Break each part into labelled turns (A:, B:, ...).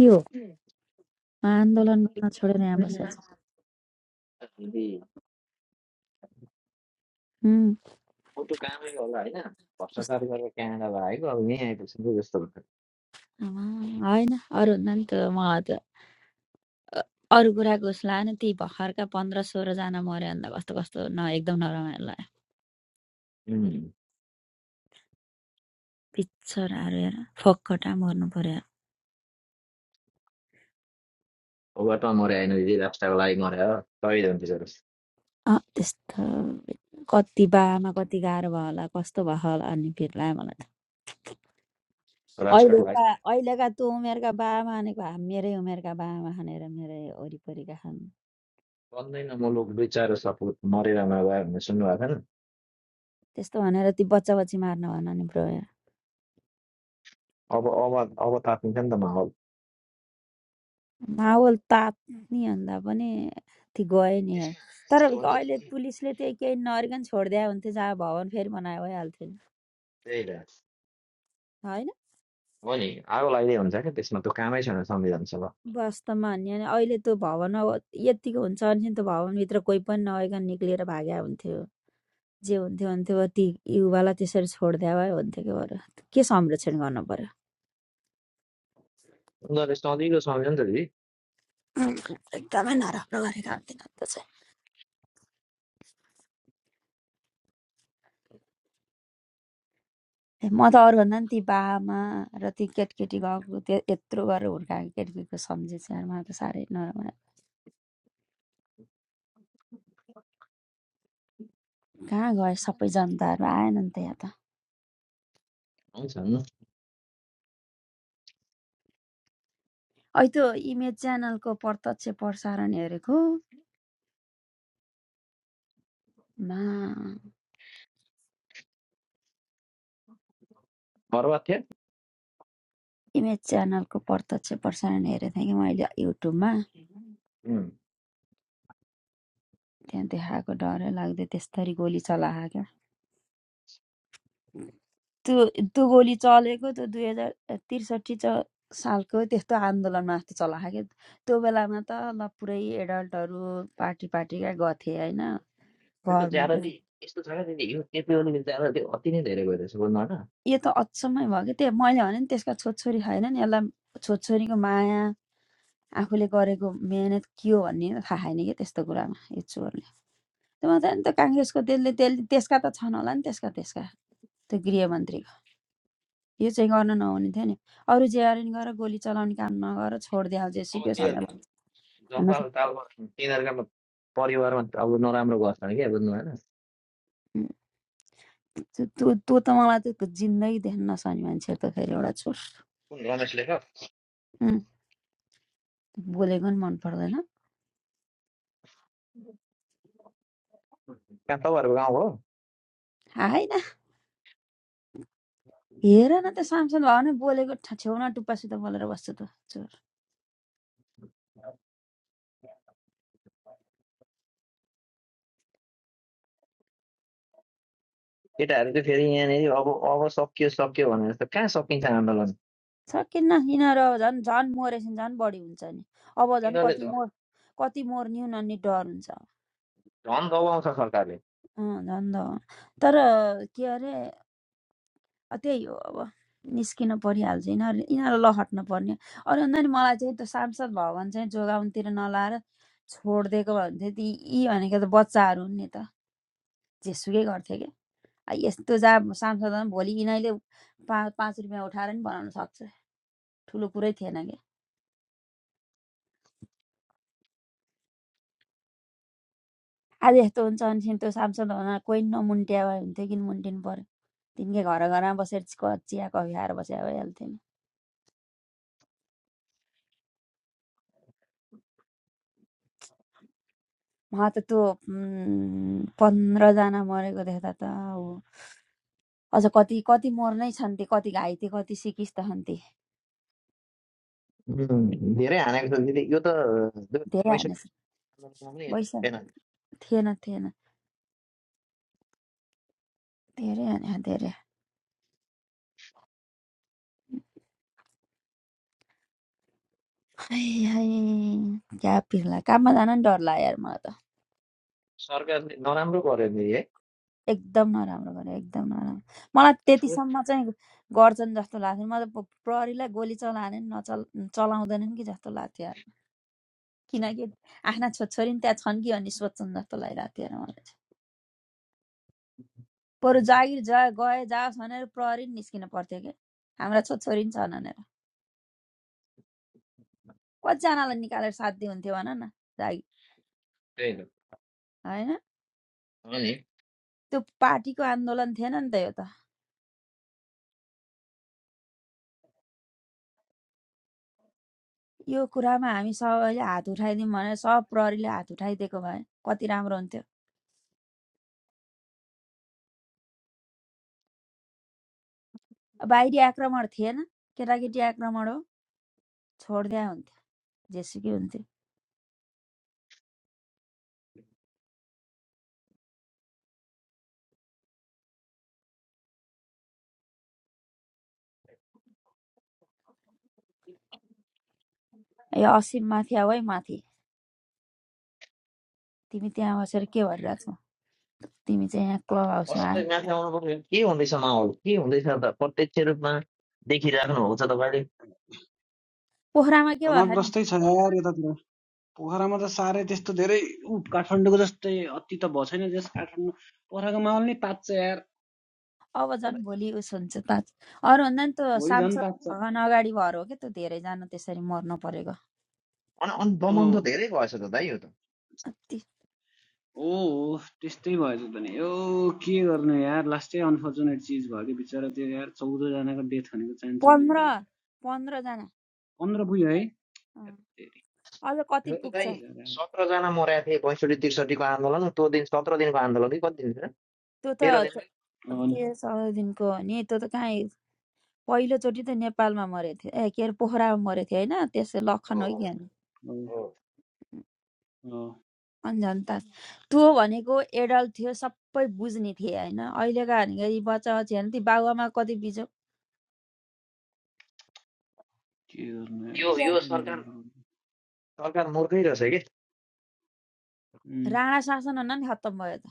A: के हो
B: फेरि
A: आन्दोलन गर्न छोडेर यहाँ बसेको छ उम्,
B: मोटो कामै होला होइन भ्रष्टाचार
A: कस्तो
B: गरेर क्यानाडामा आएको अब यहीँ आइपुग्छ नि त जस्तो हुन्छ
A: आमा, होइन अरू भन्दा नि त म त अरू कुराको उस लाएन त्यही भर्खरका पन्ध्र सोह्रजना मऱ्यो अन्त कस्तो कस्तो न एकदम नरमाइलो लाग्यो पिक्चरहरू हेर फोकटा मर्नु पर्यो
B: ओबाटमा मरे होइन दिदी राष्ट्रको लागि मरे हो शहीद हुन्थ्यो जरो
A: अँ, त्यस्तो कति बामा कति गाह्रो भयो होला कस्तो भयो होला अनि फेरि लाग्यो मलाई त
B: राष्ट्रको
A: अहिलेका
B: लागि
A: अहिलेका त्यो उमेरका बामा भनेको हा- मेरै उमेरका बामा खानेर मेरै वरिपरिका खानु
B: बन्दैन म लोक दुई चार सपुत मरेर नभए भनेर सुन्नुभएको थिएन
A: त्यस्तो भनेर ती बच्चा बच्ची मार्न भन नि ब्रो
B: अब अब अब तातिन्छ नि त माहौल
A: माहौल तात्ने भन्दा पनि ती गए नि यार
B: त्यसमा
A: तर
B: यस्तो हो नि त
A: अहिले
B: दिदी
A: पुलिसले त्यही केही नअरिकन छोडिदिए हुन्थ्यो जहाँ भवन फेरि बनाए भइहाल्थ्यो नि
B: त्यही त
A: होइन
B: हो नि आगो लाग्दै हुन्छ क्या त्यसमा त कामै छैन संविधान सभा
A: वास्तवमा भन्यो भने अहिले त्यो भवन अब यत्तिको हुन्छ भने त भवनभित्र कोही पनि नआइकन निक्लिएर भाग्या हुन्थ्यो जे हुन्थ्यो हुन्थ्यो अब ती युवालाई त्यसरी छोडिदिए भए हुन्थ्यो कि बरु के संरक्षण गर्नु पर्यो
B: उनीहरूले सजिलो सम्झ्यो नि त दिदी
A: एकदमै नराम्रो गरेका हुन्थेन नि त चाहिँ ए, म त अरूभन्दा नि ती बामा र ती केटकेटी गएको त्यो यत्रो गरेर हुर्काएको केटकेटीको सम्झे चाहिँ यार, मलाई त साह्रै नराम्रो कहाँ गयो सबै जनताहरू आएन नि त यहाँ त
B: हुन्छ
A: ऐ त्यो इमेज च्यानलको प्रत्यक्ष प्रसारण हेरेको मा
B: बर्बाद
A: इमेज च्यानलको प्रत्यक्ष प्रसारण हेरेको थिएँ कि मैले युट्युबमा
B: थियो
A: त्यहाँ देखाएको डरै लाग्दै त्यस्तरी गोली चलाएको क्या त्यो त्यो गोली चलेको त्यो दुई हजार त्रिसठी च सालको त्यस्तो आन्दोलनमा जस्तो चलाएको क्या त्यो बेलामा त ल पुरै एडल्टहरू पार्टी पार्टीका गथे होइन
B: यो त
A: गभर्मेन्ट
B: ज्यादाले यस्तो छ क्या दिदी यो केपी ओलीले ज्यादाले अति नै धेरै गरिरहेछ बोल्नु होइन
A: यो त अचम्मै भयो कि त्यही मैले भने नि त्यसका छोरछोरी छैन नि यसलाई छोरछोरीको माया आफूले गरेको मिहिनेत के हो भन्ने त थाहा छैन कि त्यस्तो कुरामा यो चोरले त्यो मात्रै नि त काङ्ग्रेसको त्यसले त्यसले त्यसका त छन् होला नि त्यसका त्यसका त्यो गृहमन्त्रीको यो चाहिँ गर्न नहुने थियो नि अरू जे अरू नि गरेर गोली चलाउने काम नगर छोडिदिए
B: अब
A: जेसुकै
B: त्यो
A: छन् होला। भन्न
B: जनता अब
A: सक्-
B: त अब तिनीहरूका परिवारमा अब नराम्रो गर्छन् क्या बुझ्नु भएन
A: उम्, त्यो त्यो त्यो त मलाई त जिन्दगी देख्न नसक्ने मान्छे त फेरि एउटा छोर
B: कुन रमेशले
A: उम्, बोलेको नि मन पर्दैन
B: कहाँ तपाईँहरूको गाउँ हो
A: आएन हेर न त्यो सामसन भावना बोलेको ठा- छेउमा टुप्पासित बोलेर बस्छ त चोर
B: केटाहरू चाहिँ फेरि यहाँनिर अब अब सकियो सकियो भनेर त कहाँ सकिन्छ आन्दोलन
A: सकिन्न यिनीहरू अब झन् झन् मरेपछि झन् बढी हुन्छ नि अब झन्
B: यिनीहरूले
A: कति
B: झन्
A: मोर कति मर्ने उनीहरूले डर हुन्छ
B: झन् दबाउँछ सरकारले
A: अँ, झन् त हो। तर के अरे अ, त्यही हो अब निस्किन परिहाल्छ यिनीहरू यिनीहरू लहट्न पर्ने अरू भन्दा नि मलाई चाहिँ त्यो सांसद भवन चाहिँ जोगाउनतिर नलाएर छोडिदिएको भए हुन्थ्यो ती यी भनेको त बच्चाहरू हुन् नि त जेसुकै गर्थे आ, यस्तो जा सांसदमा भोलि यिनीहरूले पाँच पाँच रुपियाँ उठाएर नि बनाउन सक्छ ठुलो कुरै थिएन क्या आज यस्तो हुन्छ अनिखेरि त्यो सांसद हुन कोही नमुन्ट्या भए हुन्थ्यो किन मुन्टिनु पर्यो तिनकै घर घरमा बसेर चिया कफी खाएर बसेर भइहाल्थ्यो नि म त त्यो पन्ध्रजना मरेको देख्दा त ऊ अझ कति कति मर्नै छन् ती कति घाइते कति सिकिस् त छन् ती
B: धेरै हानेको छ दिदी यो त
A: धेरै हाने
B: पैँसठी
A: छन्।
B: आन्दोलनमा पनि यत्रो
A: भइसक्यो
B: थिएन
A: थिएन थिएन धेरै हाने धेरै हाय हाय क्या पिर्ला काममा जान नि डर लाग्यो यार मलाई त
B: सरकारले नराम्रो गर्यो दिदी है
A: एकदम नराम्रो गर्यो एकदम नराम्रो मलाई त्यतिसम्म चाहिँ गर्छन् जस्तो लाग्थ्यो मलाई त प्रहरीलाई गोली चलाएन नि नचल चलाउँदैनन् कि जस्तो लाग्थ्यो यार किनकि आफ्ना छोरछोरी नि त्यहाँ छन् कि अनि सोध्छन् जस्तो लागिरहेको थियो यार मलाई चाहिँ बरु जागिर जा गए जाओस् भनेर प्रहरी नि निस्किन पर्थ्यो कि हाम्रा छोरछोरी नि छन् भनेर कतिजनालाई निकालेर साध्य हुन्थ्यो भन न जागिर
B: त्यही त
A: होइन
B: हो नि
A: त्यो पार्टीको आन्दोलन थिएन नि त यो त यो कुरामा हामी सबैले हात उठाइदिउँ भनेर सब प्रहरीले हात उठाइदिएको भए कति राम्रो हुन्थ्यो बाहिरी आक्रमण थिएन केटाकेटी आक्रमण हो छोडिदिया हुन्थ्यो जेसुकै हुन्थ्यो ए असीम माथि आऊ है माथि तिमी त्यहाँ बसेर के गरिरहेको छौ तिमी चाहिँ यहाँ क्लब हाउसमा आयो
B: बसन्तै माथि आउनु पर्यो के हुँदैछ माहौल के हुँदैछ त प्रत्यक्ष रूपमा देखिराख्नु भएको छ तपाईँले
A: पोखरामा के भयो नि
C: तनावग्रस्तै छ यार यतातिर पोखरामा त साह्रै त्यस्तो धेरै उ काठमाडौँको जस्तै अति त भएको छैन जस काठमाडौँ पोखराको माहौल नै तात्छ यार
A: अब झन्
B: तपाईँ-
A: भोलि उस हुन्छ त अरूभन्दा नि त्यो
C: भोलि झन्
A: सांसद
C: तात्छ
A: भवन अगाडि भएर हो कि त्यो धेरैजना त्यसरी मर्न परेको
B: अनि अनि
C: ओ
B: दमन त धेरै भएछ त दाइ यो त
A: कति
C: ओ हो त्यस्तै भएछ त नि यो के गर्नु यार लास्टै अनफर्चुनेट चिज भयो कि बिचरा त्यो यार चौधजनाको डेथ भनेको चान्चुने
A: पन्ध्र
C: कुरा
A: पन्ध्रजना
C: पन्ध्र पुग्यो है
A: अँ।
C: धेरै
A: अझ कति
B: यो त
A: पुग्छ
B: दाइ
C: बिचरा
B: सत्रजना मरेका थिए पैँसठी त्रिसठीको आन्दोलन त्यो दिन सत्र दिनको आन्दोलन कि कति दिन थियो
A: त्यो त
B: तेह्र दिन
A: च-
C: हो नि
A: तेह्र चौध दिनको हो नि त्यो त कहीँ पहिलोचोटि त नेपालमा मरेको थियो ए के अरे पोखरामा मरेको थियो होइन त्यसै लखन
B: हो
A: हो
B: हो
A: कि
C: हो
B: हो।
C: हो।
A: अनि झन् त त्यो भनेको एडल्ट थियो सबै बुझ्ने थिए होइन अहिलेका भनेको यी बच्चा बच्ची होइन ती बाबुआमा कति बिजो
C: के गर्नु
B: यो
C: यार
B: यो
C: साह्रै
B: सरकार
C: नराम्रो
B: सरकार मूर्खै रहेछ कि
A: राणा शासन हुन नि खत्तम भयो त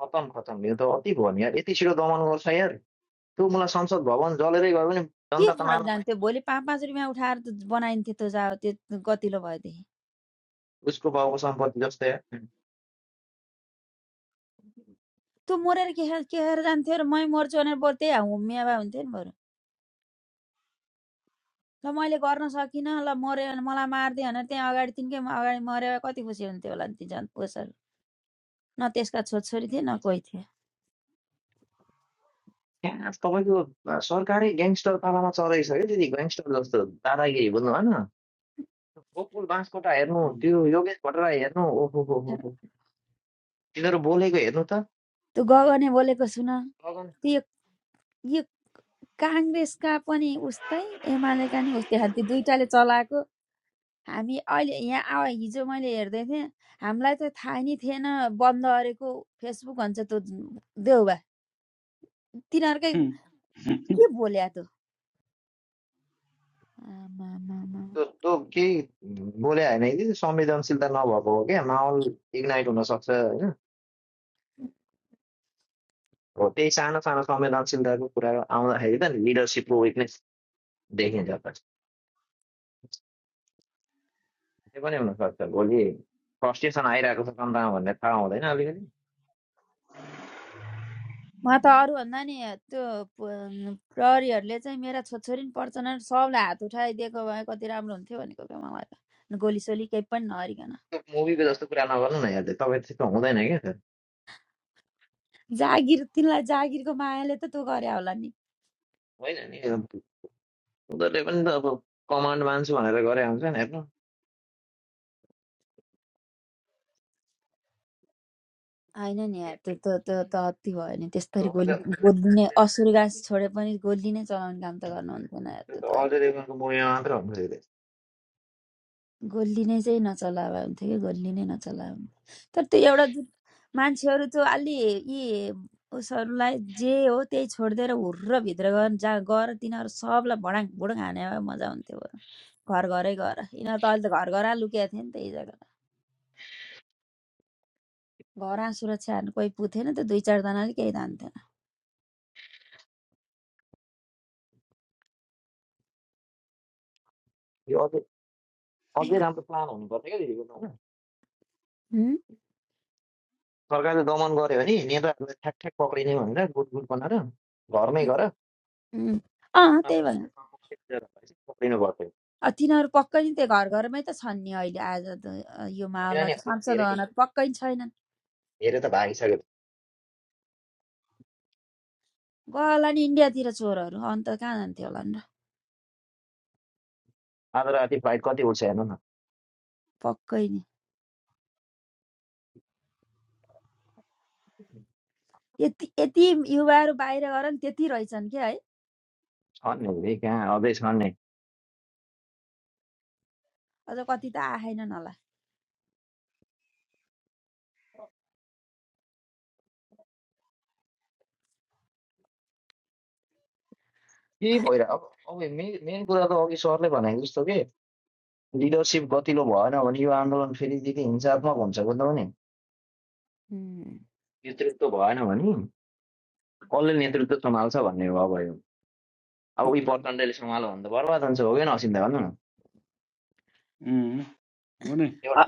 B: खतम खतम यो त अति भयो नि यार यति छिटो दमन गर्छ यार त्यो मलाई संसद भवन जलेरै गयो भने
A: के
B: जनता त
A: फरक
B: मार्न पाइ
A: जान्थ्यो भोलि पाँच पाँच रुपियाँ उठाएर त बनाइन्थ्यो त्यो जा त्यो गतिलो भएदेखि
B: उसको बाउको सम्पत्ति जस्तै यार
A: त्यो मरेर के खाएर के खाएर जान्थ्यो र मै मर्छु भनेर बरु त्यही हुम्मिया भए हुन्थ्यो नि बरु ल मैले गर्न सकिनँ ल मऱ्यो मलाई मारिदियो भनेर त्यहाँ अगाडि तिनकै म- अगाडि मऱ्यो भए कति खुसी हुन्थ्यो होला नि ती झन् पोसहरू न त्यसका छोरछोरी थिए न कोही थिए
B: त्यहाँ तपाईँको अ, सरकारै ग्याङ्स्टर पालामा चलेको छ क्या त्यति ग्याङ्स्टर जस्तो दादागिरी बुझ्नु भएन गोकुल बाँसकोटा हेर्नु
C: उम्,
B: त्यो योगेश भट्टराई हेर्नु ओहो हो हो हो तिनीहरू बोलेको हेर्नु त
A: त्यो गगने बोलेको सुन
B: लगन
A: त्यो काङ्ग्रेसका पनि उस्तै एमालेका नि उस्तै खालको दुइटाले चलाएको हामी अहिले यहाँ आव हिजो मैले हेर्दै थिएँ हामीलाई त थाहा नै थिएन बन्द अरेको फेसबुक भन्छ त्यो देउबा तिनीहरूकै
C: उम्,
A: के बोल्या त आमामामा
B: त्यो त्यो केही बोले होइन कि त्यो संवेदनशीलता नभएको हो क्या माहौल इग्नाइट हुनसक्छ होइन हो त्यही सानो सानो संवेदनशीलताको कुरा आउँदाखेरि त लिडरसिपको विकनेस देखिन्छ त त्यो पनि हुनसक्छ भोलि फ्रस्ट्रेसन आइरहेको छ सन्तामा भन्ने थाहा हुँदैन अलिकति
A: म त अरूभन्दा नि त्यो प- प्रहरीहरूले चाहिँ मेरा छोरछोरी नि पर्छन् अरे, सबलाई हात उठाइदिएको भए कति राम्रो हुन्थ्यो भनेको क्या मलाई त गोलीसोली केही पनि नअरिकन
B: त्यो मुभीको जस्तो कुरा नगर्नु न हेर्दै तपाईँ त्यस्तो हुँदैन क्या
A: जागिर तिनलाई जागिरको मायाले त त्यो गरे होला नि
B: होइन नि अब उनीहरूले पनि त अब कमान्ड मान्छु भनेर गरे हुन्छ नि हेर्नु
A: होइन नि यार, त्यो त त्यो त अति भयो नि
B: त्यो
A: त्यसरी
B: अझ
A: गोली गोली नै असुरगास छोडे पनि गोली नै चलाउने काम त गर्नुहुन्थेन यार, त्यो त
B: अझ रेगनको मुभीमा मात्र हुन्छ यो त।
A: गोली नै चाहिँ नचला भए हुन्थ्यो कि गोली नै नचला भए हुन्थ्यो तर त्यो एउटा जुन मान्छेहरू चाहिँ अलि यी उसहरूलाई जे हो त्यही छोडिदिएर हुर्र भित्र गएर जा गएर तिनीहरू सबलाई भडाङ भुडुङ हाने भए मजा हुन्थ्यो बरु। घर घरै गएर यिनीहरू त अहिले त घर घर लुकेको थिए नि त यी जग्गा घर सुरक्षा हान्नु कोही पुगेन त दुई चारजनाले केही तान्थेन
B: यो अझै अझै राम्रो प्लान हुनुपर्छ क्या दिदीको त होइन
A: हुँ?
B: सरकारले दमन गर्यो भने नेताहरूलाई ठ्याक ठ्याक पक्रिने भनेर गुट गुट बनाएर घरमै गर
A: हुँ। अँ त्यही भएर
B: पक्रिनु पर्थ्यो
A: अ, तिनीहरू पक्कै नि त्यो घर घरमै त छन् नि अहिले आज त अ, यो
B: होइन
A: माहौलमा त
B: नि अझै
A: सांसद
B: धेरै
A: भवन त पक्कै नि छैनन्
B: धेरै त भागिसक्यो
A: गयो नि इन्डियातिर चोरहरू अन्त कहाँ जान्थ्यो होला नि र
B: आज राति फ्लाइट कति उठ्छ हेर्नु न
A: पक्कै नि यति यति युवाहरू बाहिर गएर नि त्यति रहेछन् क्या है
B: छन् नि फेरि कहाँ अझै छन् नि
A: अझ कति त आएनन् होला
B: के भइरहेको अब अब मेन मेन कुरा त अघि सरले भनेको जस्तो के लिडरसिप गतिलो भएन भने यो आन्दोलन फेरिदेखि हिंसात्मक हुन्छ बुझ्नु भने
A: उम्,
B: नेतृत्व भएन भने कसले नेतृत्व सम्हाल्छ भन्ने भयो भयो अब उही प्रचण्डले सम्हाल्यो भने त बर्बाद हुन्छ हो कि नसिन्दा भन्नु न
C: उम्, हो नि
A: अ-
B: एउटा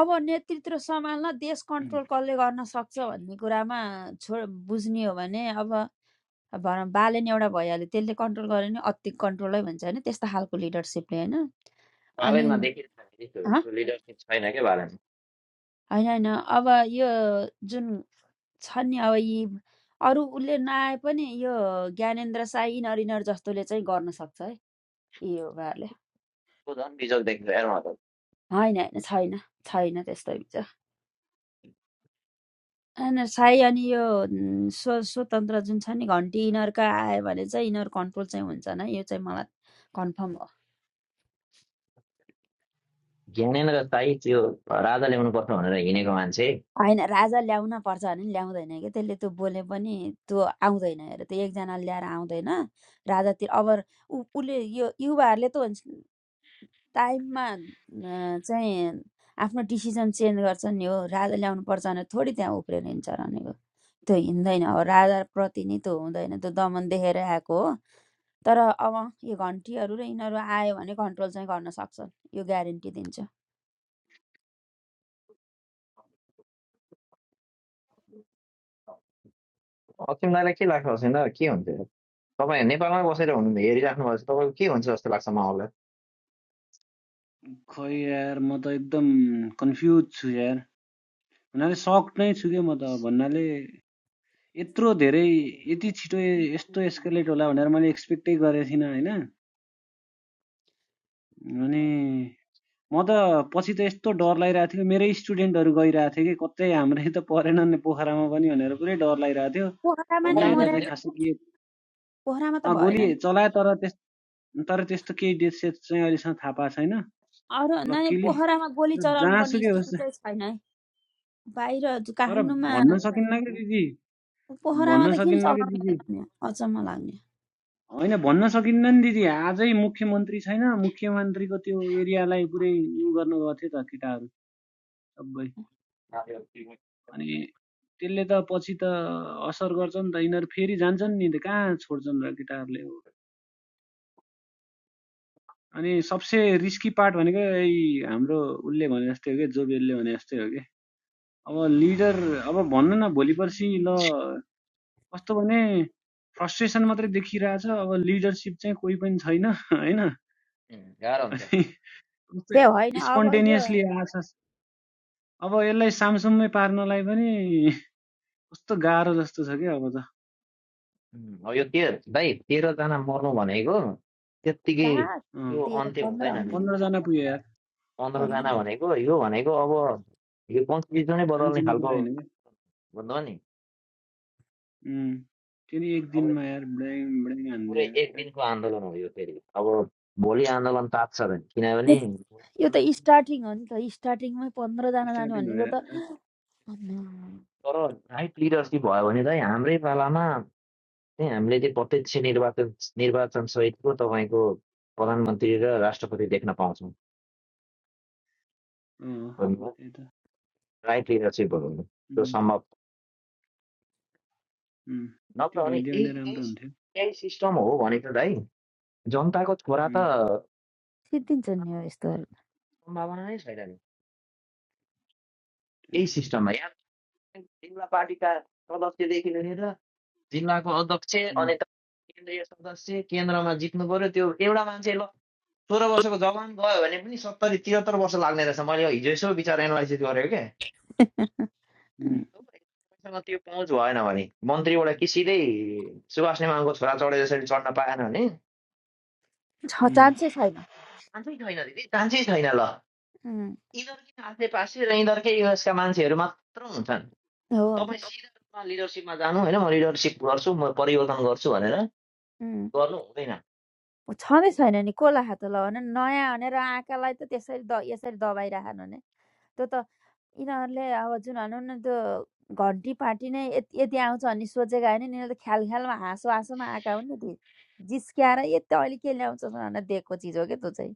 A: अब नेतृत्व सम्हाल्न देश कन्ट्रोल कसले गर्न सक्छ भन्ने कुरामा छो बुझ्ने हो भने अब भनौँ बालेन एउटा भइहाल्यो त्यसले कन्ट्रोल गर्यो भने अति कन्ट्रोलै भन्छ होइन त्यस्तो खालको लिडरसिपले होइन अनि
B: बालनमा देखिरहेको त्यो लिडरसिप छैन क्या बालनमा
A: होइन होइन अब यो जुन छ नि अब यी अरू उसले नआए पनि यो ज्ञानेन्द्र साई यिनीहरू यिनीहरू जस्तोले चाहिँ गर्न सक्छ है यो उनीहरूले
B: त्यो झन् बिजोग देखिन्छ हेर्नु त
A: होइन होइन छैन छैन त्यस्तो विचार होइन साई अनि यो उम्, स्व स्वतन्त्र जुन छ नि घन्टी यिनीहरूका आयो भने चाहिँ यिनीहरू कन्ट्रोल चाहिँ हुन्छ नै यो चाहिँ मलाई कन्फर्म
B: ज्ञानेन्द्र साई त्यो राजा ल्याउनु पर्छ भनेर हिँडेको मान्छे
A: होइन राजा ल्याउन पर्छ भने नि ल्याउँदैन कि त्यसले त्यो बोले पनि त्यो आउँदैन अरे त्यो एकजना ल्याएर आउँदैन राजातिर अब उ उसले यो युवाहरूले त भन्छ, टाइममा अँ, चाहिँ आफ्नो डिसिजन चेन्ज गर्छन् नि हो राजा ल्याउनु पर्छ भने थोडी त्यहाँ उफ्रेर हिँड्छ भनेको त्यो हिँड्दैन अब राजाप्रति नि त्यो हुँदैन त्यो दमन देखेर आएको हो तर अब यो घन्टीहरू र यिनीहरू आयो भने कन्ट्रोल चाहिँ गर्न सक्छन् यो ग्यारेन्टी दिन्छ
B: असीम दाईलाई के लाग्छ असीम दा के हुन्थ्यो तपाईँ नेपालमै बसेर हुनु हेरिराख्नु भएको छ तपाईँको के हुन्छ जस्तो लाग्छ माहौललाई
C: खै यार म त एकदम कन्फ्युज छु यार हुनाले सक्ड नै छु क्या म त भन्नाले यत्रो धेरै यति छिटो ए- यस्तो एस्केलेट होला भनेर मैले एक्सपेक्टै गरेको थिइनँ होइन अनि म त पछि त यस्तो डर लागिरहेको थियो मेरै स्टुडेन्टहरू गइरहेको थियो कि कतै हाम्रै त परेनन् नि पोखरामा पनि भनेर पुरै डर लागिरहेको थियो
A: पोखरामा नै
C: अन्त
B: पोखरा नै
C: यता चाहिँ
B: हान्यो
A: मर्यादा
C: खासै के
A: पोखरामा त
C: अँ,
A: भएन
C: गोली
A: नि
C: चलाए तर त्यस तर त्यस्तो केही डेथ सेथ चाहिँ अहिलेसम्म थाहा पाएको छैन
A: अरू नानी
C: लक्किली
A: पोखरामा गोली
C: तर
A: चलाउनु पर्ने
C: जहाँसुकै
A: स्थिति
C: होस्
A: चाहिँ छैन है बाहिर
C: तर
A: काठमाडौँमा
C: भन्न सकिन्न क्या दिदी
A: पोखरामा
C: भन्न
A: त किन
C: सकिन्न कि
A: चलाउने हो
C: दिदी
A: र नि? अचम्म लाग्ने
C: होइन भन्न सकिन्न नि दिदी आजै मुख्यमन्त्री छैन मुख्यमन्त्रीको त्यो एरियालाई पुरै उ गर्नु गएको थियो त केटाहरू सबै अनि त्यसले त पछि त असर गर्छ नि त यिनीहरू फेरि जान्छन् नि त कहाँ छोड्छन् र केटाहरूले हो अनि सबसे रिस्की पार्ट भनेको यही हाम्रो उसले भने जस्तै हो कि जोबेलले भने जस्तै हो कि अब लिडर अब भन्नु न भोलि पर्सि ल कस्तो भने फ्रस्ट्रेसन मात्रै देखिरहेछ अब लिडरसिप चाहिँ कोही पनि छैन होइन
B: गाह्रो हुन्छ
C: अनि जस्तै
A: त्यो होइन अब यो
C: स्पोन्टेनियसली आशा अब यसलाई सामसुममै पार्नलाई पनि कस्तो गाह्रो जस्तो छ क्या अब त
B: उम्, अब यो के भाइ तेह्रजना मर्नु भनेको त्यत्तिकै
A: घाँस
C: अँ,
B: यो
A: त्यो
B: अन्त्य
A: पन्ध्र
B: हुँदैन
A: हुनु
B: दिदी
A: नि,
C: पन्ध्रजना पुग्यो यार
A: पन्ध्र
B: पन्ध्रजना भनेको यो भनेको अब यो कन्स्टिट्युसनै बदल्ने
C: सानसानो
B: खालको
C: कुरा होइन क्या
B: भन्दा नि
C: उम्, त्यो एक
B: अब
C: दिनमा यार ब्ल्याङ ब्ल्याङ
B: पुरै
C: हान्दियो
B: एक
C: यार एट
B: दिनको आन्दोलन हो यो फेरि अब भोलि आन्दोलन तात्छ भने
A: यो
B: किनभने भोलि
A: यो त
B: आन्दोलन
A: स्टार्टिङ हो नि त स्टार्टिङमै पन्ध्रजना जानु
C: स्टार्टिङ हो
A: भनेको
C: यार
A: त
C: एट
A: आम्मा,
B: तर राइट लिडरसिप भयो भने चाहिँ हाम्रै पालामा चाहिँ हामीले चाहिँ प्रत्यक्ष निर्वाचन निर्वाचन सहितको तपाईँको प्रधानमन्त्री र राष्ट्रपति देख्न पाउँछौँ
C: अँ त्यही त
B: राइट लिडरसिप त्यो
C: उम्,
B: सम्भव
C: उम्, त्यो
B: नत्र भने
C: भइदियो
B: यही
C: भने राम्रो
B: यही
C: हुन्थ्यो
B: यही सिस्टम हो भनेको त है जनताको छोरा त
C: उम्,
B: बनाउनुको
A: सिद्धिन्छ नि हो यस्तोहरू
B: सम्भावना नै छैन नि
C: त्यही
B: यही
C: त
B: सिस्टममा या त जिल्ला पार्टीका सदस्यदेखि लिएर जिल्लाको अध्यक्ष
C: उम्,
B: अनि त केन्द्रीय सदस्य केन्द्रमा जित्नु पर्यो त्यो एउटा मान्छे ल सोह्र वर्षको जवान गयो भने पनि सत्तरी त्रिहत्तर वर्ष लाग्ने रहेछ मैले हिजो यसो विचार एनालाइसिस गरेको क्या
C: उम्,
B: तपाईँसँग त्यो पहुँच भएन भने मन्त्रीबाट कि सिधै सुभाष नेमाङको छोरा चढे जसरी चढ्न पाएन भने
A: छ
C: उम्,
A: चान्सै छैन
B: चान्सै छैन दिदी चान्सै छैन ल
A: उम्,
B: यिनीहरूकै आसेपासे र यिनीहरूकै युएसका मान्छेहरू मात्र हुन्छन् तपाईँ
A: हो
B: सिधा रूपमा लिडरसिपमा जानु होइन म लिडरसिप गर्छु म परिवर्तन गर्छु भनेर गर्नु हुँदैन
A: छँदै छैन नि कसलाई हात लगाउने नयाँ भनेर आँखालाई त त्यसरी द यसरी दबाइराखन भने त्यो त यिनीहरूले अब जुन भनौँ न त्यो घन्टी पार्टी नै यति यति आउँछ भन्ने सोचेका होइन नि, यिनीहरू त ख्याल ख्यालमा हाँसो हाँसोमा आएका हुन् नि ती जिस्क्याएर यति अहिले के ल्याउँछ भनेर दिएको चिज हो क्या त्यो चाहिँ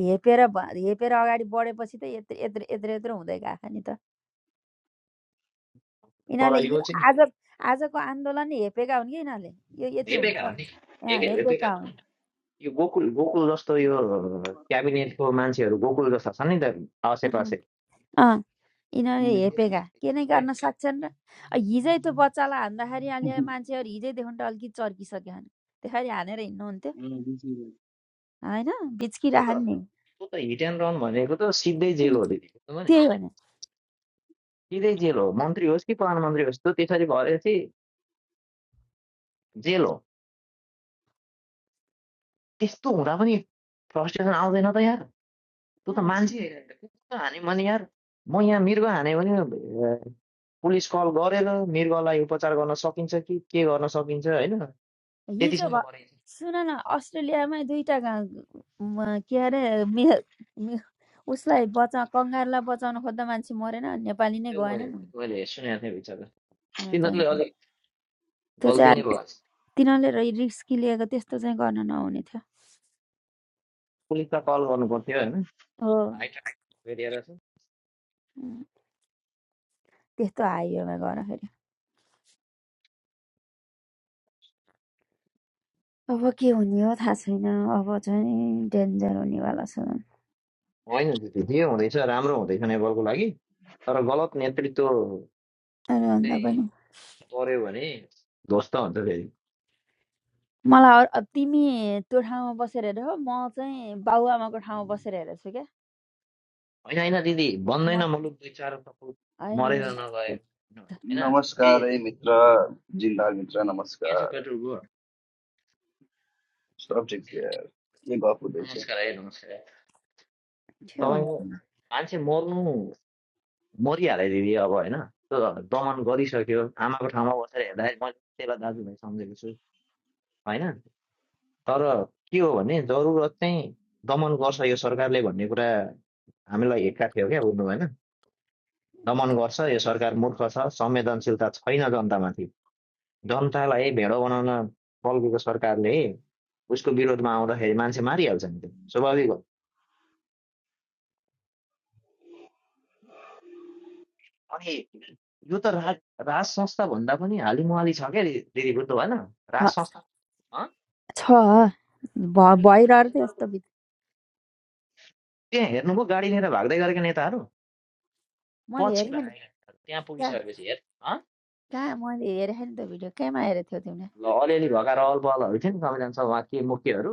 A: हेपेर भ- हेपेर अगाडि बढेपछि त यत्रो यत्रो यत्रो यत्रो हुँदै गएको नि त
B: तर
A: यिनीहरूले
B: यो
A: यो
B: चाहिँ
A: आज आजको आन्दोलन हेपेका हुन् कि यिनीहरूले यो यति
B: हेपेका
A: हुन्छ
B: हो नि
A: अँ,
B: हेपे हेपेका
A: हेपेका
B: हो यो गोकुल गोकुल जस्तो यो क्याबिनेटको मान्छेहरू गोकुल जस्ता छन् नि त आसेपासे
A: हुन् यिनीहरूले
C: उम्।
A: हेपेका के नै गर्न सक्छन् र अ, हिजै त्यो बच्चालाई हान्दाखेरि अहिले मान्छेहरू हिजैदेखि त अलिकति चर्किसक्यो भने त्यसरी हानेर हिँड्नुहुन्थ्यो
C: अँ, बुझिरहेको।
A: होइन
B: त्यो त
A: बिच्किराख्यो नि
B: त्यो त हिट एन्ड रन भनेको त सिधै जेल
A: उम्,
B: हो दिदी बुझ्नुभयो नि
A: त्यही भने
B: सिधै जेल हो मन्त्री होस् कि प्रधानमन्त्री होस् त्यो त्यसरी भएपछि जेल हो त्यस्तो हुँदा पनि फ्रस्ट्रेसन आउँदैन त यार तँ त
A: अँ,
B: मान्छे कुकुर हान्यो भने यार म यहाँ मृग हाने भने अ, पुलिस कल गरेर मृगलाई उपचार गर्न सकिन्छ कि के गर्न सकिन्छ होइन
A: हिजो
B: त्यतिसम्म
A: भ
B: गरेको छ
A: सुन न अस्ट्रेलियामा दुईटा गा- म, के अरे मे मे- उसलाई बचा कङ्गारलाई बचाउन खोज्दा मान्छे मरेन नेपाली नै
B: त्यो
A: गएन
B: मैले मैले सुनेको थिएँ विचार
A: अँ, त नि।
B: तिनीहरूले अलिक
A: त्यो चाहिँ
B: गल्ती नै
A: अर्को-
B: भयो
A: तिनीहरूले रिस्क लिएको त्यस्तो चाहिँ गर्न नहुने थियो
B: पुलिसलाई कल गर्नु पर्थ्यो होइन
A: हो
B: हाई ट्राफिक एरिया रहेछ
A: उम्, त्यस्तो हाइवेमा गर्दाखेरि अब के हुने हो थाहा छैन अब चाहिँ डेन्जर हुनेवाला छ
B: होइन त्यो ठिकै हुँदैछ राम्रो हुँदैछ नेपालको लागि तर गलत नेतृत्व
A: अरे भन्दा
B: चाहिँ
A: पनि
B: पर्यो भने ध्वस्त हुन्छ फेरि
A: मलाई अरू- अब तिमी त्यो ठाउँमा बसेर हेर म चाहिँ बाबुआमाको ठाउँमा बसेर हेरेको छु क्या
B: होइन होइन दिदी
A: म
B: बन्दैन मुलुक दुई चार मुलुक
A: होइन होइन
B: मरेर नगयो होइन केही
D: नमस्कार है मित्र जिन्दाल मित्र
B: के छ
D: नमस्कार
B: पेट्रोलको
D: सब ठिक छ यार के गफ हुँदैछ
B: नमस्कार है नमस्कार
A: के हुन्छ
B: तपाईँको मान्छे मर्नु मरिहाल्यो दिदी अब होइन त्यो दमन गरिसक्यो आमाको ठाउँमा बसेर हेर्दाखेरि मैले त्यसलाई दाजुभाइ सम्झेको छु होइन तर के हो भने जरुरत चाहिँ दमन गर्छ यो सरकारले भन्ने कुरा हामीलाई हिक्का थियो क्या बुझ्नु भएन दमन गर्छ यो सरकार मूर्ख छ संवेदनशीलता छैन जनतामाथि जनतालाई भेडो बनाउन बल्केको सरकारले उसको विरोधमा आउँदाखेरि मान्छे मारिहाल्छ नि त्यो स्वाभाविक हो अनि यो त राज राज संस्थाभन्दा पनि हालिमुहाली छ क्या दि- दिदी बुझ्नु भएन राज
A: ह-
B: संस्था
A: छ भ-
B: अनि अनि
A: भइरहेको थियो
B: उनीहरूको
A: यस्तो भिडियो
B: त्यहाँ हेर्नुभयो गाडी लिएर भाग्दै गरेका नेताहरू
A: मैले
B: पछि
A: हेरेको नि
B: भागेका नेताहरू त्यहाँ
A: कहाँ
B: पुगिसकेपछि हेर हँ?
A: कहाँ मैले हेरेको नि त भिडियो कहाँमा हेरेको थियौ तिमीले
B: ल अलिअलि भएका रहल बहलहरू थियो नि संविधान सभा के मुख्यहरू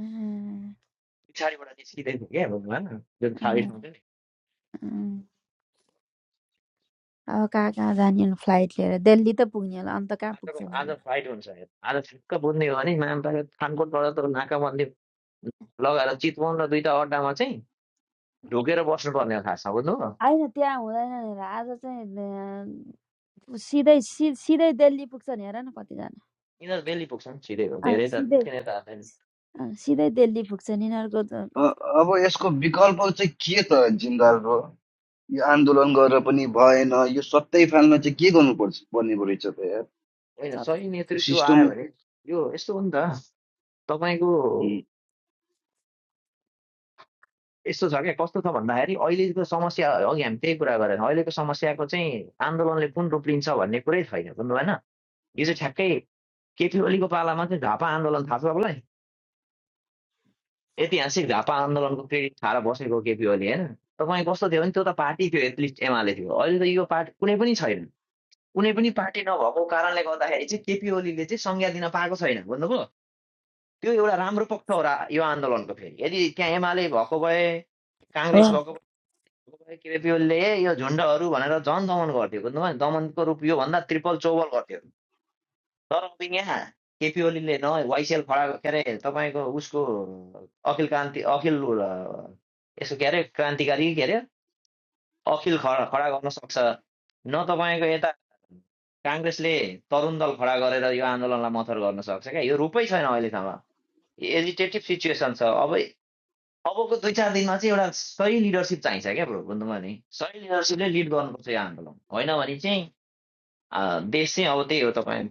A: अँ,
B: पछाडिबाट निस्किँदै थियो क्या बुझ्नु भएन जुन
A: अँ,
B: फाइट हुन्थ्यो नि
A: अँ। अब कहाँ कहाँ जाने अनि फ्लाइट लिएर दिल्ली त पुग्ने होला अन्त कहाँ
B: आजको
A: पुग्छ
B: आज फाइट हुन्छ हेर आज ठिक्क बुझ्ने हो भने मामपाका खानकोटबाट त नाकाबन्दी लगाएर चितवन र दुईवटा अड्डामा चाहिँ ढोकेर बस्नुपर्ने हो खासमा बुझ्नु हो
A: होइन त्यहाँ हुँदैन भनेर आज चाहिँ सिधै सि सिधै दिल्ली पुग्छन् हेर न कतिजना
B: यिनीहरू दिल्ली पुग्छन् छिटै हो
A: अँ,
B: धेरै त
A: सिधै
B: मुख्य नेता हाल्दैन
A: अँ, सिधै दिल्ली पुग्छन् यिनीहरूको त
D: अ- अब यसको विकल्प चाहिँ के त जिन्दाल ब्रो यो आन्दोलन गरेर पनि भएन यो सत्तै फाल्न चाहिँ के गर्नुपर्छ पर्ने पो रहेछ त यार
B: होइन
A: सब-
B: सही
D: यो
B: नेतृत्व आयो
D: सिस्टमै
B: भने यो यस्तो हो नि त तपाईँको
D: उम्,
B: यस्तो छ क्या कस्तो छ भन्दाखेरि अहिलेको समस्या अघि हामी त्यही कुरा गरेर अहिलेको समस्याको चाहिँ आन्दोलनले कुन रूप लिन्छ भन्ने कुरै छैन बुझ्नु भएन यो चाहिँ ठ्याक्कै केपी ओलीको पालामा चाहिँ झापा आन्दोलन थाहा छ तपाईँलाई ऐतिहासिक झापा आन्दोलनको क्रेडिट खाएर बसेको केपी ओली होइन तपाईँ कस्तो थियो भने त्यो त पार्टी थियो एटलिस्ट एमाले थियो अहिले त यो पार्टी कुनै पनि छैन कुनै पनि पार्टी नभएको कारणले गर्दाखेरि चाहिँ केपी ओलीले चाहिँ संज्ञा दिन पाएको छैन बुझ्नुभयो त्यो एउटा राम्रो पक्ष हो र यो आन्दोलनको फेरि यदि त्यहाँ एमाले भएको भए
A: हो
B: काङ्ग्रेस भएको भए केपिओलले यो झुन्डहरू भनेर झन् दमन गर्थ्यो बुझ्नुभयो दमनको रूप योभन्दा ट्रिपल चौबल गर्थ्यो तर अब यहाँ केपिओलीले न वाइसिएल खडा के अरे तपाईँको उसको अखिल क्रान्ति अखिल यसो के अरे क्रान्तिकारी के अरे अखिल खडा खडा गर्न सक्छ न तपाईँको यता काङ्ग्रेसले तरुण दल खडा गरेर यो आन्दोलनलाई मथर गर्न सक्छ क्या यो रूपै छैन अहिलेसम्म एजिटेटिभ सिचुएसन छ अब अबको दुई चार दिनमा चाहिँ एउटा सही लिडरसिप चाहिन्छ क्या ब्रो बुझ्नु भयो नि सही लिडरसिपले लिड गर्नुपर्छ यो आन्दोलन होइन भने चाहिँ अँ, देश चाहिँ अब त्यही हो तपाईँ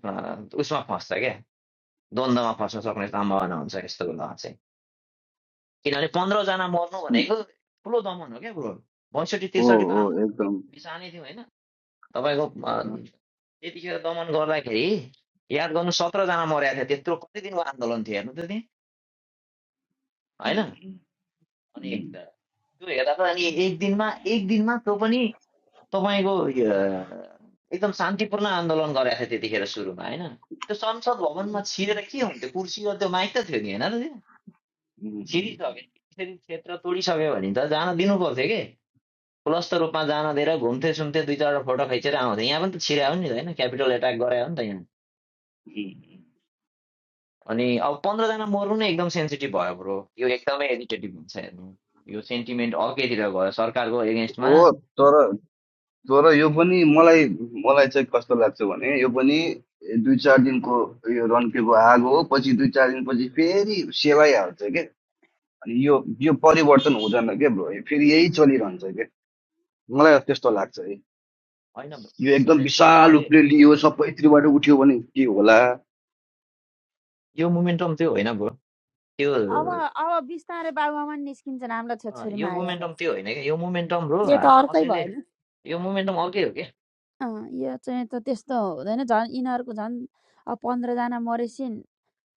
B: उसमा फस्छ क्या द्वन्द्वमा फस्न सक्ने सम्भावना हुन्छ यस्तो बेला चाहिँ किनभने पन्ध्रजना मर्नु
D: उम्,
B: भनेको ठुलो दमन हो क्या ब्रो बैसठी
D: हो
B: त्रिसठीको
D: हो
B: आन्दोलन
D: एकदम
B: बिसानै थियो होइन तपाईँको
D: अँ,
B: त्यतिखेर दमन गर्दाखेरि याद गर्नु सत्रजना मरेको थियो त्यत्रो कति दिनको आन्दोलन थियो हेर्नु त त्यहाँ होइन
D: उम्,
B: अनि
D: उम्,
B: त्यो हेर्दा त अनि एक दिनमा एक दिनमा त्यो पनि तपाईँको यो एकदम शान्तिपूर्ण आन्दोलन गरेको थियो त्यतिखेर सुरुमा होइन त्यो संसद
D: उम्,
B: भवनमा
D: उम्,
B: छिरेर के हुन्थ्यो कुर्सी र त्यो माइक त थियो नि होइन र त्यो
D: उम्, उम्, उम्,
B: छिरिसक्यो त्यसरी क्षेत्र तोडिसक्यो भने त जान दिनु पर्थ्यो के खुलस्त रूपमा जान दिएर घुम्थे सुन्थे दुई चारवटा फोटो खिचेर आउँथे यहाँ पनि त छिरायो नि त होइन क्यापिटल एट्याक गरायो नि त यहाँ
D: उम्, उम्।
B: अनि अब पन्ध्रजना मर्नु नै एकदम सेन्सिटिभ भयो ब्रो यो एकदमै एडिटेटिभ हुन्छ हेर्नु यो सेन्टिमेन्ट अर्कैतिर गयो सरकारको एगेन्स्टमा
D: हो तर तर यो पनि मलाई मलाई चाहिँ कस्तो लाग्छ भने यो पनि दुई चार दिनको यो रन्केको आगो हो पछि दुई चार दिनपछि फेरि सेलाइहाल्छ के अनि यो यो परिवर्तन हुँदैन के ब्रो फेरि यही चलिरहन्छ के मलाई त्यस्तो लाग्छ है
B: होइन
D: यो एकदम
B: मैले
D: विशाल
B: मैले
D: रूपले लियो सबैतिरबाट उठ्यो भने के होला
B: यो मोमेन्टम त्यो होइन ब्रो
A: अब
B: त्यो
A: अब बिस्तारै बाबुआमा नि निस्किन्छन् हामीलाई
B: अँ,
A: छोरीमा
B: यो
A: आयो
B: मोमेन्टम
A: भने।
B: त्यो होइन क्या यो मोमेन्टम ब्रो
A: यो त अर्कै
B: कसैले
A: भएन
B: यो मोमेन्टम अर्कै हो क्या
A: अँ, यो चाहिँ त त्यस्तो हुँदैन झन् यिनीहरूको झन् अब पन्ध्रजना मरेपछि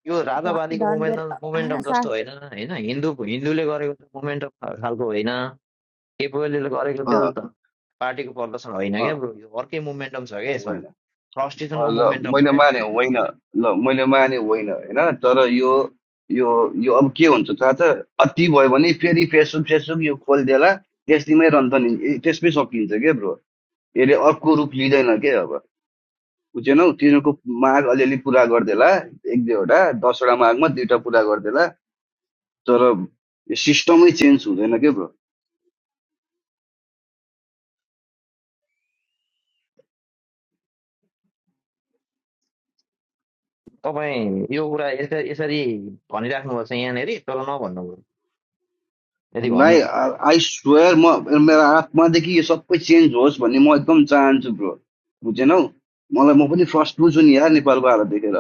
B: यो
A: झन्
B: राजावादीको
A: झन् धेरै
B: मोमेन्टम मोमेन्टम
A: होइन
B: जस्तो होइन होइन हिन्दू हिन्दूले गरेको त्यो मोमेन्टम खालको होइन केपिओलीले गरेको त्यो
D: अँ
B: त पार्टीको प्रदर्शन होइन
D: अँ
B: क्या ब्रो यो अर्कै मोमेन्टम छ क्या यसमा
D: होइन
B: प्रस्टिसनको
D: ल
B: मोमेन्टम हो
D: मैले
B: क्या
D: माने होइन ल मैले माने होइन होइन तर यो यो यो अब के हुन्छ थाहा छ अति भयो भने फेरि फेसबुक फेसबुक यो खोलिदिएला त्यसमै रन्छ नि ए, त्यसमै सकिन्छ क्या ब्रो यसले अर्को रूप लिँदैन के अब बुझेनौ तिनीहरूको माग अलिअलि पुरा गरिदिएला एक दुईवटा दसवटा मागमा दुईवटा पुरा गरिदिएला तर सिस्टमै चेन्ज हुँदैन क्या ब्रो
B: तपाईँ यो कुरा यसरी यसरी भनिराख्नुपर्छ यहाँनिर तर नभन्नु ब्रो यदि भन्नु
D: भाइ
B: छ
D: आई स्वेयर म मेरो आत्मादेखि यो सबै चेन्ज होस् भन्ने म एकदम चाहन्छु ब्रो बुझेनौ मलाई म पनि फर्स्ट बुझ्छु नि यार नेपालको हालत देखेर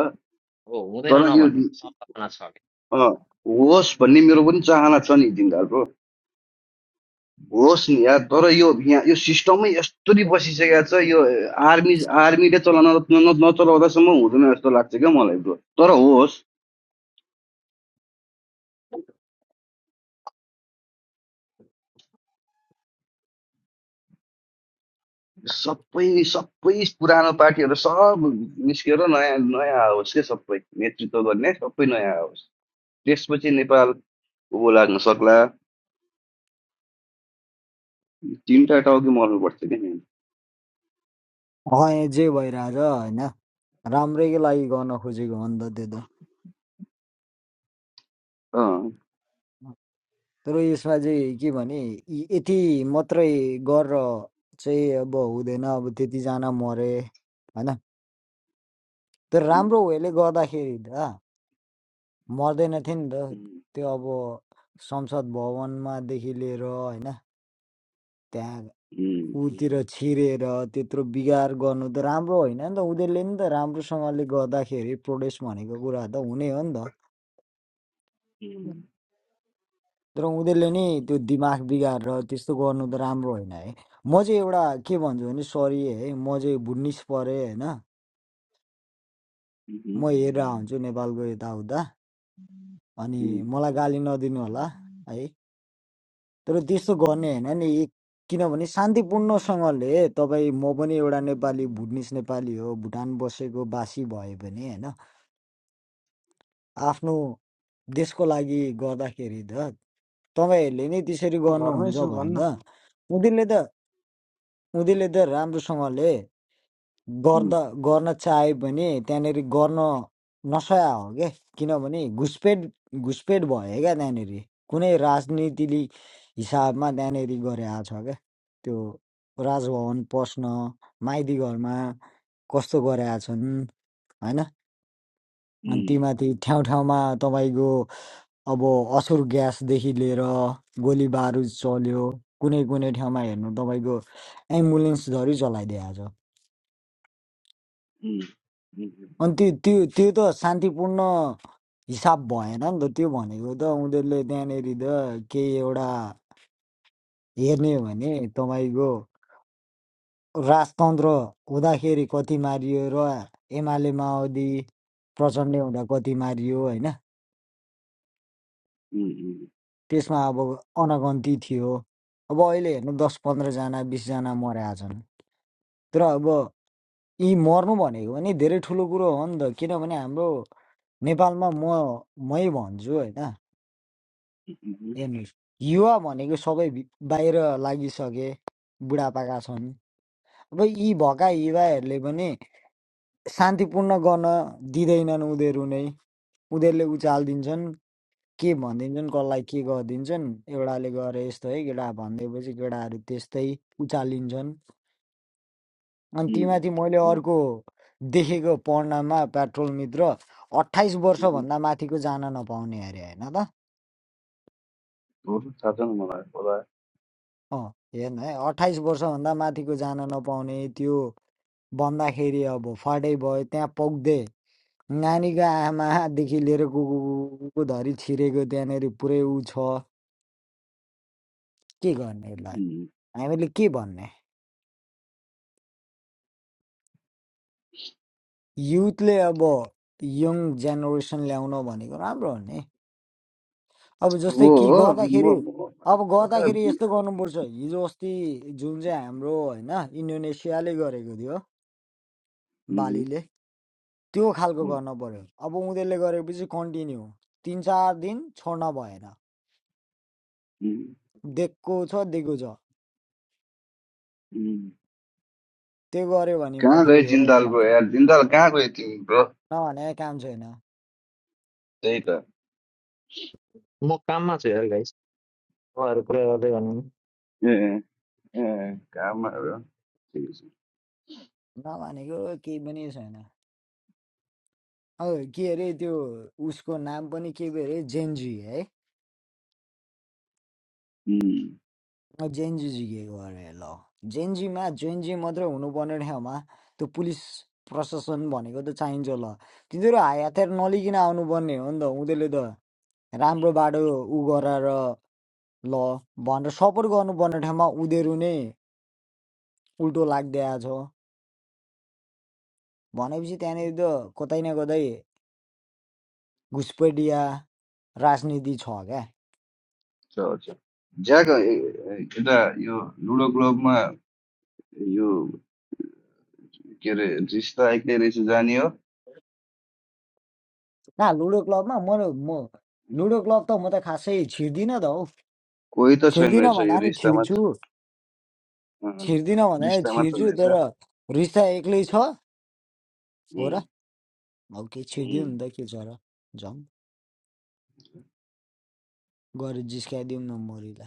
B: हो हुँदैन
D: तर यो
B: नभन्नु सम्भावना छ
D: अँ,
B: क्या
D: होस् भन्ने मेरो पनि चाहना छ नि जिन्दाल ब्रो होस् नि यार तर यो यहाँ यो सिस्टमै यस्तरी बसिसकेको छ यो आर्मी आर्मीले चलाउन न- नचलाउँदासम्म हुँदैन जस्तो लाग्छ क्या मलाई ब्रो तर होस् सबै सबै पुरानो पार्टीहरू सब निस्केर नयाँ नयाँ आओस् के सबै नेतृत्व गर्ने सबै नयाँ आओस् त्यसपछि नेपाल उँभो लाग्न सक्ला तिनवटा टाउकी मर्नु पर्छ क्या मेन
E: अँ जे भइरहेछ होइन राम्रैको लागि गर्न खोजेको हो नि त त्यो
D: अँ।
E: त तर यसमा चाहिँ के भने यी- यति मात्रै गरेर चाहिँ अब हुँदैन अब त्यतिजना मरे होइन तर
D: उम्,
E: राम्रो वेले गर्दाखेरि त मर्दैन थियो नि त त्यो अब संसद भवनमादेखि लिएर होइन त्यहाँ
D: उम्,
E: उतिर छिरेर त्यत्रो बिगार गर्नु त राम्रो होइन नि त उनीहरूले नि त राम्रोसँगले गर्दाखेरि प्रोटेस्ट भनेको कुरा त हुने हो नि त
D: उम्,
E: तर उनीहरूले नै त्यो दिमाग बिगारेर त्यस्तो गर्नु त राम्रो होइन है म चाहिँ एउटा के भन्छु भने सरी है म चाहिँ बुढ्निस परेँ होइन म
D: उम्,
E: हेरेर हुन्छु नेपालको यताउता अनि
D: उम्,
E: मलाई गाली नदिनु होला है तर त्यस्तो गर्ने होइन नि एक किनभने शान्तिपूर्णसँगले तपाईँ म पनि एउटा नेपाली भुटनिस नेपाली हो भुटान बसेको बासी भए पनि होइन आफ्नो देशको लागि गर्दाखेरि त तपाईँहरूले नै त्यसरी
C: म घरमै
E: गर्नुहुन्छ
C: छु
E: भने
C: भन्न
E: त उनीहरूले त उनीहरूले त राम्रोसँगले
D: उम्, उम्,
E: गर्दा गर्न चाहे भने त्यहाँनिर गर्न नसया हो क्या किनभने घुसपेट घुसपेट भयो क्या त्यहाँनिर कुनै राजनीतिले हिसाबमा त्यहाँनिर गरे आएको छ क्या त्यो राजभवन पस्न माइती घरमा कस्तो गरे आएको छन् होइन अनि
D: उम्,
E: तीमाथि ठाउँ ठाउँमा तपाईँको अब असुर ग्यासदेखि लिएर गोली बारुद चल्यो कुनै कुनै ठाउँमा हेर्नु तपाईँको एम्बुलेन्स झरी चलाइदिएको छ
D: उम्,
E: अनि त्यो त्यो त्यो त शान्तिपूर्ण हिसाब भएन नि त त्यो भनेको त उनीहरूले त्यहाँनेरि त केही एउटा हेर्ने हो भने तपाईँको राजतन्त्र हुँदाखेरि कति मारियो र एमाले माओवादी प्रचण्ड हुँदा कति मारियो होइन
D: उम्,
E: त्यसमा अब अनगन्ती थियो अब अहिले हेर्नु दस पन्ध्रजना बिसजना मरेका छन् तर अब यी मर्नु भनेको पनि धेरै ठुलो कुरो हो नि त किनभने हाम्रो नेपालमा म मै भन्छु होइन
D: उम्,
E: हेर्नुहोस् युवा भनेको सबै भि- बाहिर लागिसके बुढापाका छन् अब यी भएका युवाहरूले पनि शान्तिपूर्ण गर्न दिँदैनन् उनीहरू नै उनीहरूले उचालिदिन्छन् के भनिदिन्छन् कसलाई के गरिदिन्छन् एउटाले गरे यस्तो है केटा भनिदिएपछि केटाहरू त्यस्तै उचालिन्छन् अनि
D: उम्,
E: तीमाथि मैले
D: उम्।
E: अर्को देखेको पढ्नमा पेट्रोल मित्र अठाइस
D: उम्।
E: वर्षभन्दा माथिको जान नपाउने अरे होइन त
D: हो, थाहा छैन मलाई होला
E: अँ हेर्नु है अठाइस वर्षभन्दा माथिको जान नपाउने त्यो भन्दाखेरि अब फाटै भयो त्यहाँ पुग्दै नानीको आमादेखि लिएर कुकुरको धरी छिरेको त्यहाँनिर पुरै ऊ छ के गर्ने यसलाई
D: उम्,
E: हामीले के भन्ने युथले अब यङ जेनेरेसन ल्याउन भनेको राम्रो हो नि अब जस्तै
D: हो
E: कि
D: हो, म
E: गर्दाखेरि
D: म-
E: अब
D: प्रकार
E: गर्दाखेरि यस्तो गर्नुपर्छ हिजो अस्ति जुन चाहिँ हाम्रो होइन इन्डोनेसियाले गरेको थियो
D: उम्,
E: बालीले त्यो खालको
D: उम्,
E: गर्न पर्यो अब उनीहरूले गरेपछि कन्टिन्यू तिन चार दिन छोड्न भएन
D: उम्,
E: दिएको छ दिएको छ
D: उम्।
E: त्यो गऱ्यो भने
D: कहाँ
E: मद्रै
D: गयो
E: हो
D: जिन्दाल
E: न-
D: ब्रो यार जिन्दाल कहाँ गयो तिमी ब्रो
E: नभने काम छैन
D: त्यही त
B: म काममा छु यार गाइस तपाईँहरू कुरा गर्दै गर्नु
D: ए ए ए, कहाँ ठिकै
E: नभनेको केही पनि छैन अब के अरे त्यो उसको नाम पनि के पो अरे जेन्जी है
D: छ
E: अँ, जेन्जी जिकेको अरे ल जेन्जीमा जेन्जी मात्रै हुनुपर्ने ठाउँमा त्यो पुलिस प्रशासन भनेको त चाहिन्छ ल तिनीहरू हायातेर नलिकन आउनुपर्ने हो नि त उनीहरूले त राम्रो बाटो उ गराएर ल भनेर सपोर्ट गर्नुपर्ने ठाउँमा उनीहरू नै उल्टो लाग्दै आएको छ भनेपछि त्यहाँनिर त कतै न कतै घुसपेटिया राजनीति छ क्या
D: चल चल ज्याक ए- ए- यता यो लुडो क्लबमा यो के अरे रिस्ता एक्लै रहेछ जाने हो
E: ना लुडो क्लबमा म म लुडो क्लब त म त खासै छिर्दिनँ त हौ
D: कोही त छैन
E: छिर्दिनँ
D: रहेछ
E: भन्दा
D: यो
E: नि
D: रिस्ता
E: छिर्छु
D: मात्र अँ,
E: छिर्दिनँ भन्दा नि
D: रिस्ता मात्र
E: छिर्छु तर रिस त एक्लै छ हो र
D: रहेछ
E: अब के छिरिदिउँ नि त के छ र जाउँ गएर जिस्काइदिउँ न मरिलाई